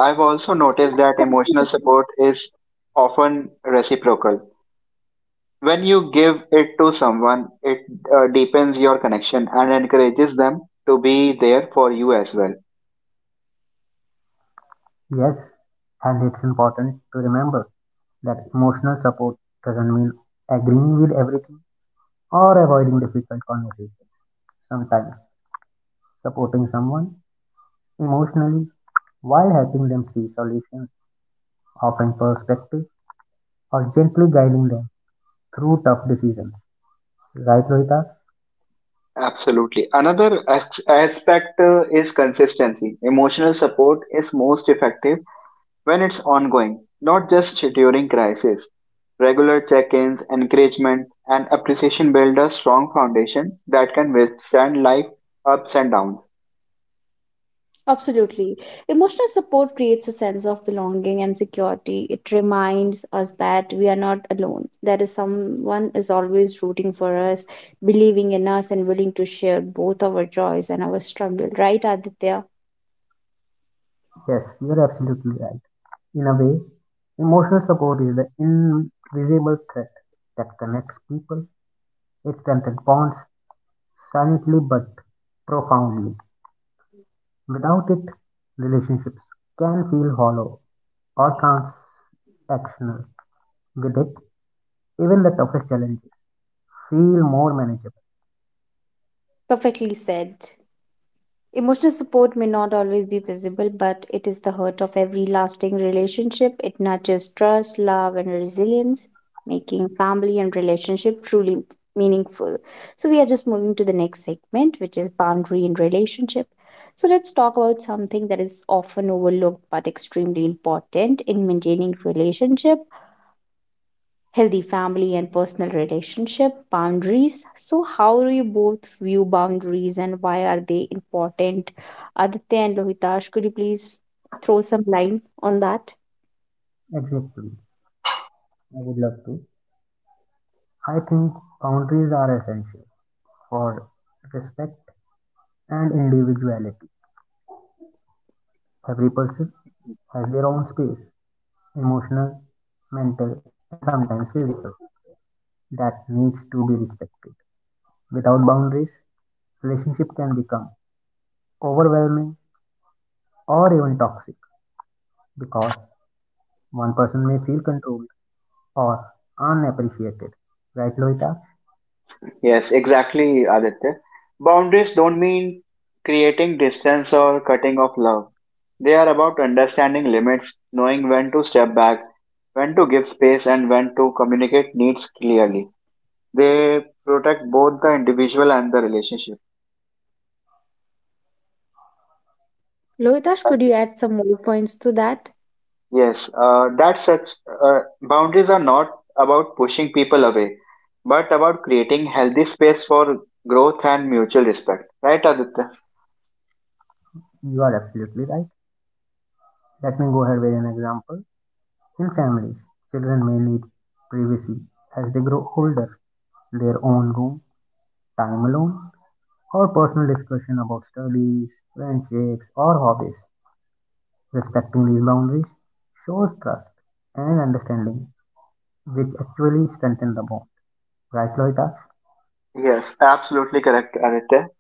Speaker 3: I've also noticed that emotional support is often reciprocal. When you give it to someone, it deepens your connection and encourages them to be there for you as well.
Speaker 2: Yes, and it's important to remember that emotional support doesn't mean agreeing with everything or avoiding difficult conversations. Sometimes supporting someone emotionally while helping them see solutions, offering perspective, or gently guiding them through tough decisions. Right, Rohita?
Speaker 3: Absolutely. Another aspect is consistency. Emotional support is most effective when it's ongoing, not just during crisis. Regular check ins, encouragement, and appreciation build a strong foundation that can withstand life ups and downs.
Speaker 1: Absolutely. Emotional support creates a sense of belonging and security. It reminds us that we are not alone. There is someone is always rooting for us, believing in us and willing to share both our joys and our struggle, right, Aditya?
Speaker 2: Yes, you're absolutely right. In a way, emotional support is the invisible thread that connects people. It strengthens bonds silently but profoundly. Without it, relationships can feel hollow or transactional. With it, even the toughest challenges feel more manageable.
Speaker 1: Perfectly said. Emotional support may not always be visible, but it is the heart of every lasting relationship. It nurtures trust, love, and resilience, making family and relationship truly meaningful. So, we are just moving to the next segment, which is boundary in relationship. So, let's talk about something that is often overlooked but extremely important in maintaining relationship healthy family and personal relationship boundaries. So how do you both view boundaries and why are they important, Aditya and Lohitash? Could you please throw some light on that?
Speaker 2: Exactly. I would love to. I think boundaries are essential for respect and individuality. Every person has their own space, emotional, mental, and sometimes physical, that needs to be respected. Without boundaries, relationship can become overwhelming or even toxic because one person may feel controlled or unappreciated. Right, Loita?
Speaker 3: Yes, exactly, Aditya. Boundaries don't mean creating distance or cutting off love. They are about understanding limits, knowing when to step back, when to give space, and when to communicate needs clearly. They protect both the individual and the relationship.
Speaker 1: Lohitash, could
Speaker 3: Right?
Speaker 1: you add some more points to that?
Speaker 3: Yes, that such boundaries are not about pushing people away, but about creating healthy space for growth and mutual respect. Right, Aditya?
Speaker 2: You are absolutely right. Let me go ahead with an example. In families, children may need privacy as they grow older, their own room, time alone, or personal discussion about studies, friendships, or hobbies. Respecting these boundaries shows trust and understanding, which actually strengthen the bond. Right, Loita?
Speaker 3: Yes, absolutely correct, Aditya.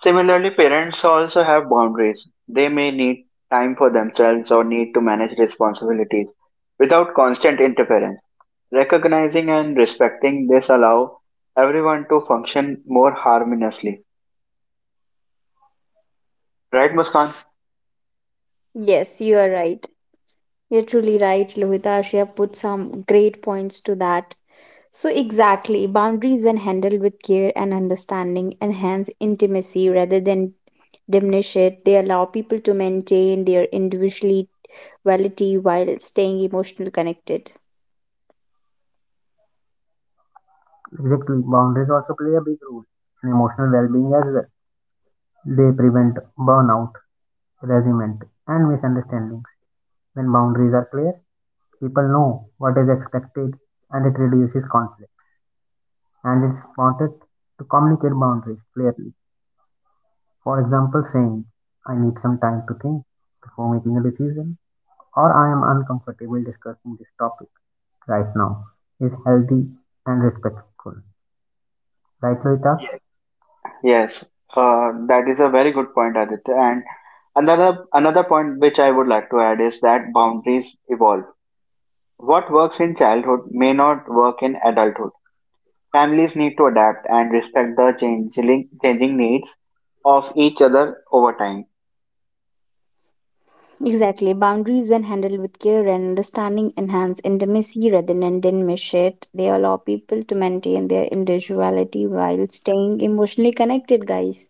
Speaker 3: Similarly, parents also have boundaries. They may need time for themselves or need to manage responsibilities without constant interference. Recognizing and respecting this allow everyone to function more harmoniously. Right, Muskan?
Speaker 1: Yes, you are right. You're truly right, Lohita. You have put some great points to that. So exactly, boundaries when handled with care and understanding enhance intimacy rather than diminish it. They allow people to maintain their individuality while staying emotionally connected.
Speaker 2: Exactly. Boundaries also play a big role in emotional well being as well. They prevent burnout, resentment, and misunderstandings. When boundaries are clear, people know what is expected and it reduces conflicts. And it's important to communicate boundaries clearly. For example, saying, I need some time to think before making a decision, or I am uncomfortable discussing this topic right now is healthy and respectful. Right, Loita?
Speaker 3: Yes. Yes, that is a very good point, Aditya. And another point which I would like to add is that boundaries evolve. What works in childhood may not work in adulthood. Families need to adapt and respect the changing needs of each other over time.
Speaker 1: Exactly. Boundaries, when handled with care and understanding, enhance intimacy rather than diminish it. They allow people to maintain their individuality while staying emotionally connected, guys.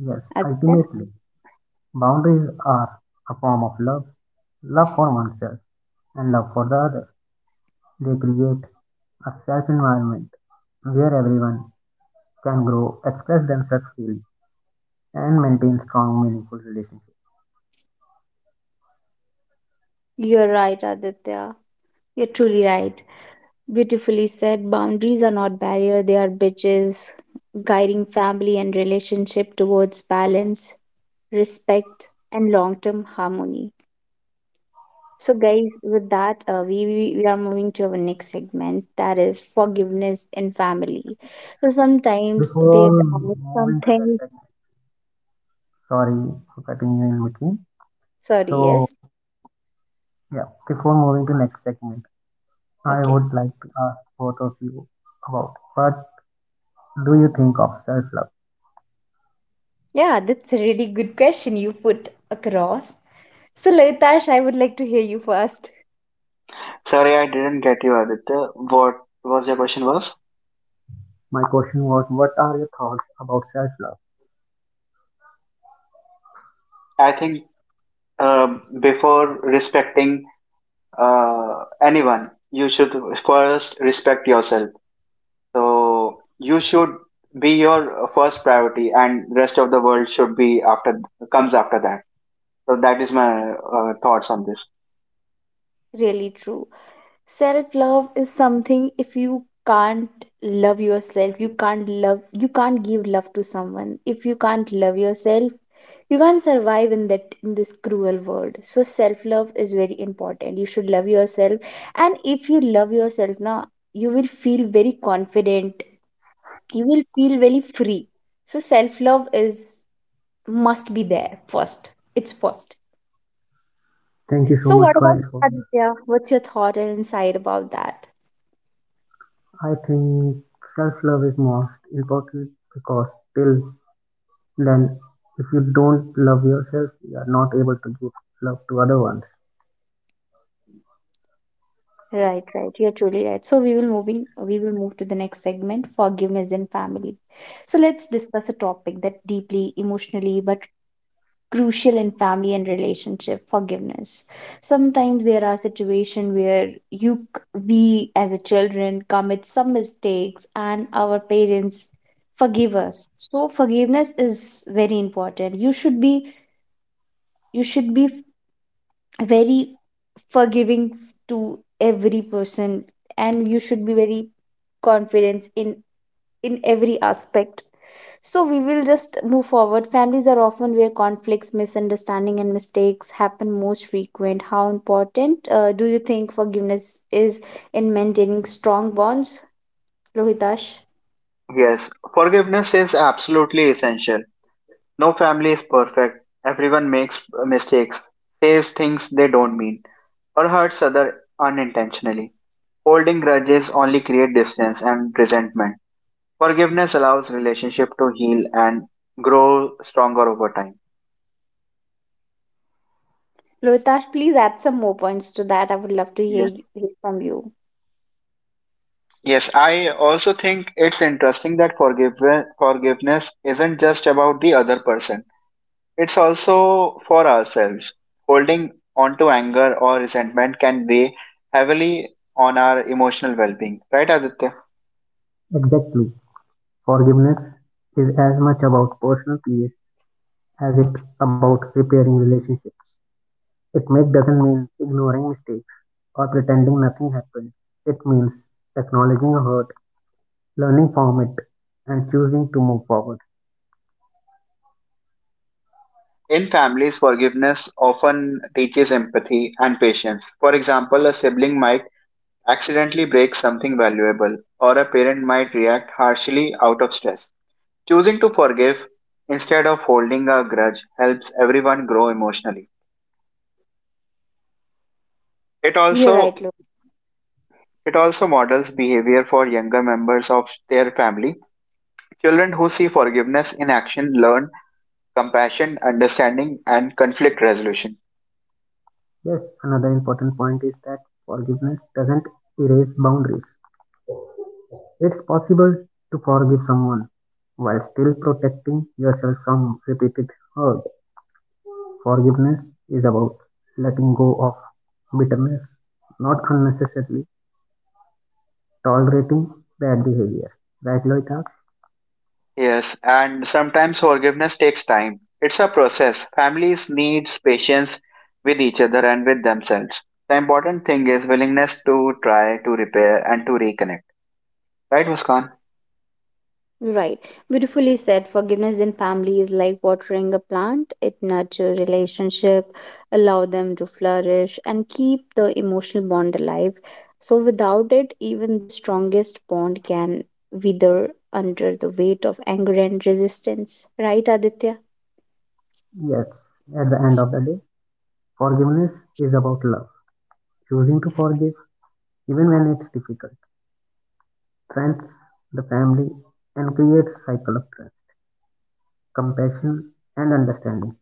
Speaker 2: Yes,
Speaker 1: Aditya?
Speaker 2: ultimately, boundaries are a form of love, love for oneself and love for the other. They create a safe environment where everyone can grow, express themselves freely, and maintain strong, meaningful relationships.
Speaker 1: You're right, Aditya. You're truly right. Beautifully said. Boundaries are not barrier, they are bridges guiding family and relationship towards balance, respect, and long term harmony. So, guys, with that, we are moving to our next segment, that is forgiveness in family. So, sometimes
Speaker 2: Before
Speaker 1: there are
Speaker 2: moving
Speaker 1: some
Speaker 2: to that
Speaker 1: things.
Speaker 2: segment, sorry for cutting you in between.
Speaker 1: Sorry,
Speaker 2: So,
Speaker 1: yes.
Speaker 2: yeah, before moving to next segment, I
Speaker 1: Okay.
Speaker 2: would like to ask both of you about what do you think of self-love?
Speaker 1: Yeah, that's a really good question you put across. So, Laitash, I would like to hear you first.
Speaker 3: Sorry, I didn't get you, Aditya. What was your question was?
Speaker 2: My question was, what are your thoughts about self-love?
Speaker 3: I think before respecting anyone, you should first respect yourself. So you should be your first priority, and rest of the world should be after comes after that. So that is my thoughts on this.
Speaker 1: Really true. Self love is something, if you can't love yourself, you can't love, you can't give love to someone. If you can't love yourself, you can't survive in that, in this cruel world. So self love is very important, you should love yourself. And if you love yourself now, you will feel very confident, you will feel very free. So self love is must be there first, it's first.
Speaker 2: Thank you
Speaker 1: So
Speaker 2: so
Speaker 1: what
Speaker 2: much,
Speaker 1: about
Speaker 2: guys.
Speaker 1: you,
Speaker 2: For that.
Speaker 1: Aditya, what's your thought and insight about that?
Speaker 2: I think self-love is most important because till then, if you don't love yourself, you are not able to give love to other ones.
Speaker 1: Right. You're truly right. So we will move to the next segment, forgiveness in family. So let's discuss a topic that deeply emotionally but crucial in family and relationship, forgiveness. Sometimes there are situations where we as a children commit some mistakes and our parents forgive us. So forgiveness is very important. You should be very forgiving to every person and you should be very confident in every aspect. So we will just move forward. Families are often where conflicts, misunderstanding and mistakes happen most frequent. How important do you think forgiveness is in maintaining strong bonds, Lohitash?
Speaker 3: Yes, forgiveness is absolutely essential. No family is perfect. Everyone makes mistakes, says things they don't mean, or hurts others unintentionally. Holding grudges only create distance and resentment. Forgiveness allows relationship to heal and grow stronger over time.
Speaker 1: Lohitash, please add some more points to that. I would love to hear,
Speaker 3: Yes.
Speaker 1: hear from you.
Speaker 3: Yes, I also think it's interesting that forgiveness isn't just about the other person. It's also for ourselves. Holding on to anger or resentment can weigh heavily on our emotional well being, right, Aditya?
Speaker 2: Exactly. Forgiveness is as much about personal peace as it about repairing relationships. It make doesn't mean ignoring mistakes or pretending nothing happened. It means acknowledging a hurt, learning from it, and choosing to move forward.
Speaker 3: In families, forgiveness often teaches empathy and patience. For example, a sibling might accidentally break something valuable, or a parent might react harshly out of stress. Choosing to forgive instead of holding a grudge helps everyone grow emotionally. It
Speaker 1: You're right.
Speaker 3: also it also models behavior for younger members of their family. Children who see forgiveness in action learn compassion, understanding, and conflict resolution.
Speaker 2: Yes, another important point is that forgiveness doesn't erase boundaries. It's possible to forgive someone while still protecting yourself from repeated hurt. Forgiveness is about letting go of bitterness, not unnecessarily tolerating bad behavior. Right, Loitak?
Speaker 3: Yes, and sometimes forgiveness takes time. It's a process. Families need patience with each other and with themselves. The important thing is willingness to try to repair and to reconnect. Right, Muskan?
Speaker 1: Right. Beautifully said. Forgiveness in family is like watering a plant. It nurtures relationship, allow them to flourish and keep the emotional bond alive. So without it, even the strongest bond can wither under the weight of anger and resistance. Right, Aditya?
Speaker 2: Yes, at the end of the day, forgiveness is about love, choosing to forgive even when it's difficult, strengthens the family and creates cycle of trust, compassion, and understanding.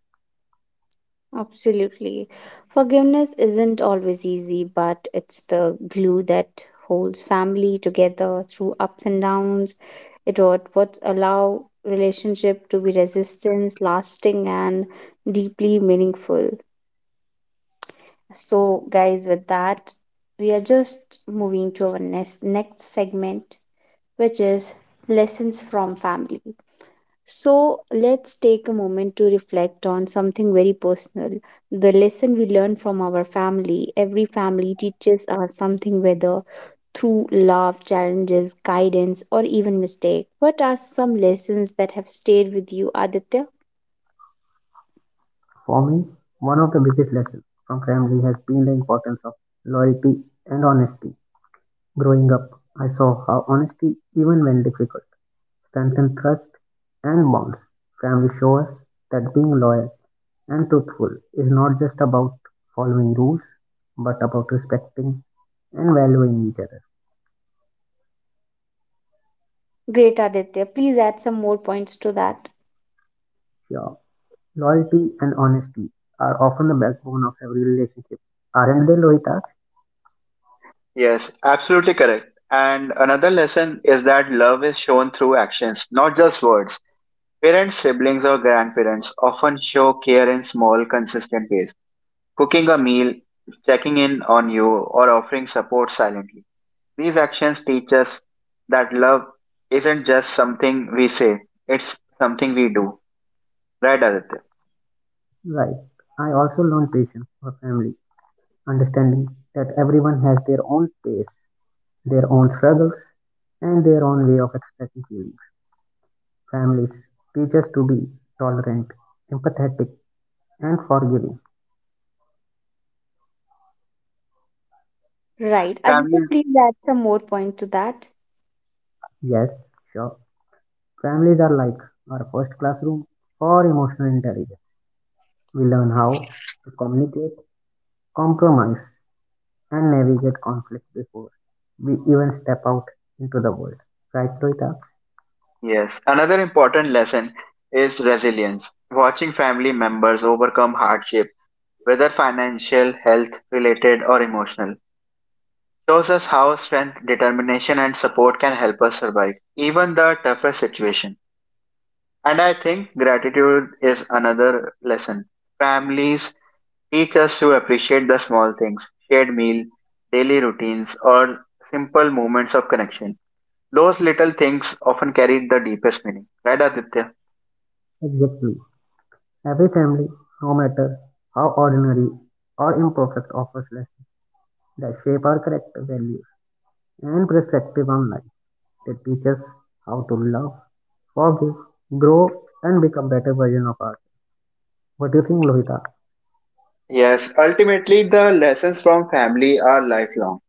Speaker 1: Absolutely. Forgiveness isn't always easy, but it's the glue that holds family together through ups and downs. It what allow relationship to be resistance, lasting and deeply meaningful. So guys, with that, we are just moving to our next segment, which is lessons from family. So let's take a moment to reflect on something very personal. The lesson we learn from our family. Every family teaches us something, whether through love, challenges, guidance, or even mistake. What are some lessons that have stayed with you, Aditya?
Speaker 2: For me, one of the biggest lessons from family has been the importance of loyalty and honesty. Growing up, I saw how honesty, even when difficult, strengthens trust and bonds. Family shows us that being loyal and truthful is not just about following rules, but about respecting and valuing each other.
Speaker 1: Great, Aditya. Please add some more points to that.
Speaker 2: Yeah. Loyalty and honesty are often the backbone of every relationship. Aren't they, Lohita?
Speaker 3: Yes, absolutely correct. And another lesson is that love is shown through actions, not just words. Parents, siblings, or grandparents often show care in small, consistent ways cooking a meal, checking in on you, or offering support silently. These actions teach us that love isn't just something we say, it's something we do. Right, Aditya?
Speaker 2: Right. I also learned patience for family understanding that everyone has their own pace, their own struggles, and their own way of expressing feelings. Families teach us to be tolerant, empathetic, and forgiving.
Speaker 1: Right. Aditya,
Speaker 3: Families,
Speaker 1: please add some more points to that.
Speaker 2: Yes, sure. Families are like our first classroom for emotional intelligence. We learn how to communicate, compromise, and navigate conflict before we even step out into the world. Right, Toita?
Speaker 3: yes. Another important lesson is resilience. Watching family members overcome hardship, whether financial, health related, or emotional, shows us how strength, determination, and support can help us survive even the toughest situation. And I think gratitude is another lesson. Families teach us to appreciate the small things, shared meal, daily routines, or simple moments of connection. Those little things often carry the deepest meaning. Right, Aditya?
Speaker 2: Exactly. Every family, no matter how ordinary or imperfect, offers lessons that shape our character, values, and perspective on life. They teach us how to love, forgive, grow, and become better version of ourselves. What do you think, Lohita?
Speaker 3: Yes, ultimately, the lessons from family are lifelong.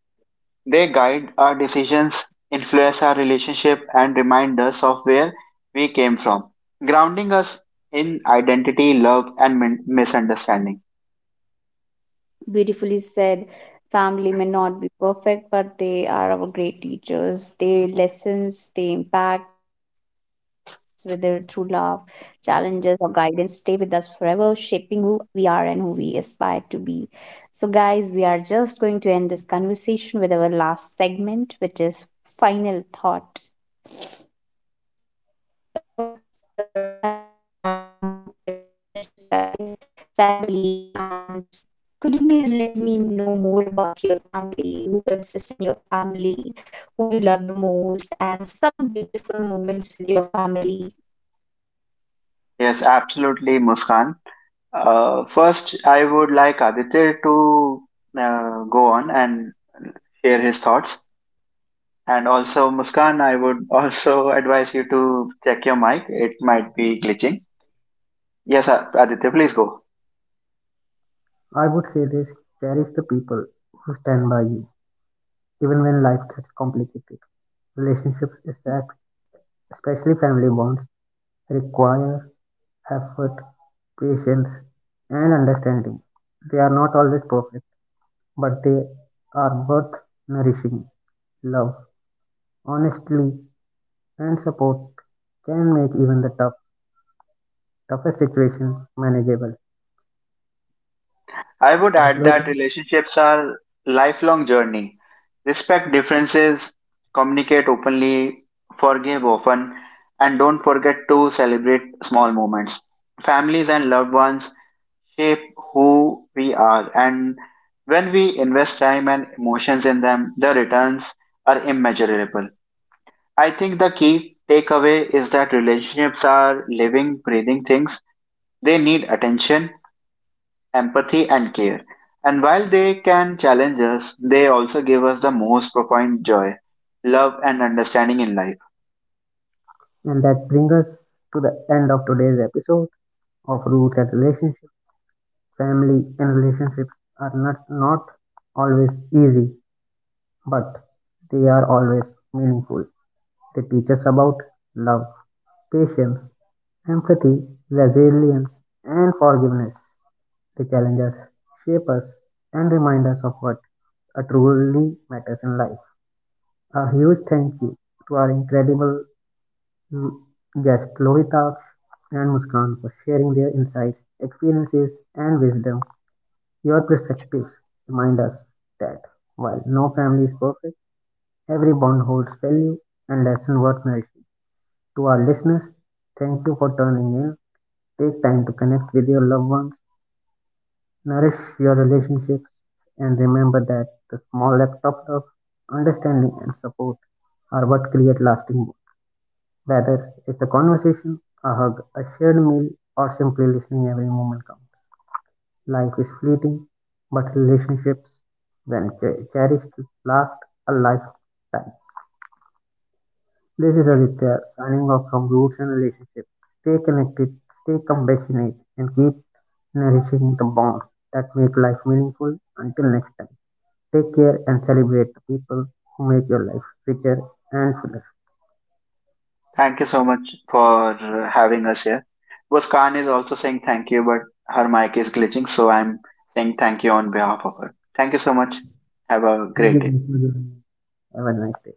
Speaker 3: They guide our decisions, influence our relationship, and remind us of where we came from, grounding us in identity, love, and misunderstanding.
Speaker 1: Beautifully said. Family may not be perfect, but they are our great teachers. Their lessons, their impacts, whether through love, challenges, or guidance, stay with us forever, shaping who we are and who we aspire to be. So, guys, we are just going to end this conversation with our last segment, which is final thought. So what are, what's your final thought about the relationship, guys, family, and could you please let me know more about your family, who consists in your family, who you love the most, and some beautiful moments with your family?
Speaker 3: Yes, absolutely, Muskan. First, I would like Aditya to go on and share his thoughts. And also, Muskan, I would also advise you to check your mic. It might be glitching. Yes, Aditya, please go.
Speaker 2: I would say this: cherish the people who stand by you, even when life gets complicated. Relationships, especially family bonds, require effort, patience, and understanding. They are not always perfect but they are worth nourishing. Love, honesty, and support can make even the toughest situation manageable.
Speaker 3: I would
Speaker 2: Right,
Speaker 3: add that
Speaker 2: Rohit?
Speaker 3: relationships are lifelong journey. Respect differences, communicate openly, forgive often, and don't forget to celebrate small moments. Families and loved ones shape who we are. And when we invest time and emotions in them, the returns are immeasurable. I think the key takeaway is that relationships are living, breathing things. They need attention, empathy, and care. And while they can challenge us, they also give us the most profound joy, love, and understanding in life.
Speaker 2: And that brings us to the end of today's episode of Roots and Relationships. Family and relationships are not always easy, but they are always meaningful. They teach us about love, patience, empathy, resilience, and forgiveness. They challenge us, shape us, and remind us of what truly matters in life. A huge thank you to our incredible mm, guests Lovita and Muskan for sharing their insights, experiences, and wisdom. Your perspectives remind us that while no family is perfect, every bond holds value and lesson worth nourishing. To our listeners, thank you for tuning in. Take time to connect with your loved ones. Nourish your relationships and remember that the small act of understanding and support are what create lasting bonds. Whether it's a conversation, a hug, a shared meal, or simply listening, every moment counts. Life is fleeting, but relationships, when cherished, last a lifetime. This is Aditya signing off from Roots and Relationships. Stay connected, stay compassionate, and keep nourishing the bonds that make life meaningful. Until next time. Take care and celebrate the people who make your life richer and fuller.
Speaker 3: Thank you so much for having us here. Muskan is also saying thank you, but her mic is glitching, so I'm saying thank you on behalf of her. Thank you so much. Have a
Speaker 2: Thank
Speaker 3: great day.
Speaker 2: you. Have a nice day.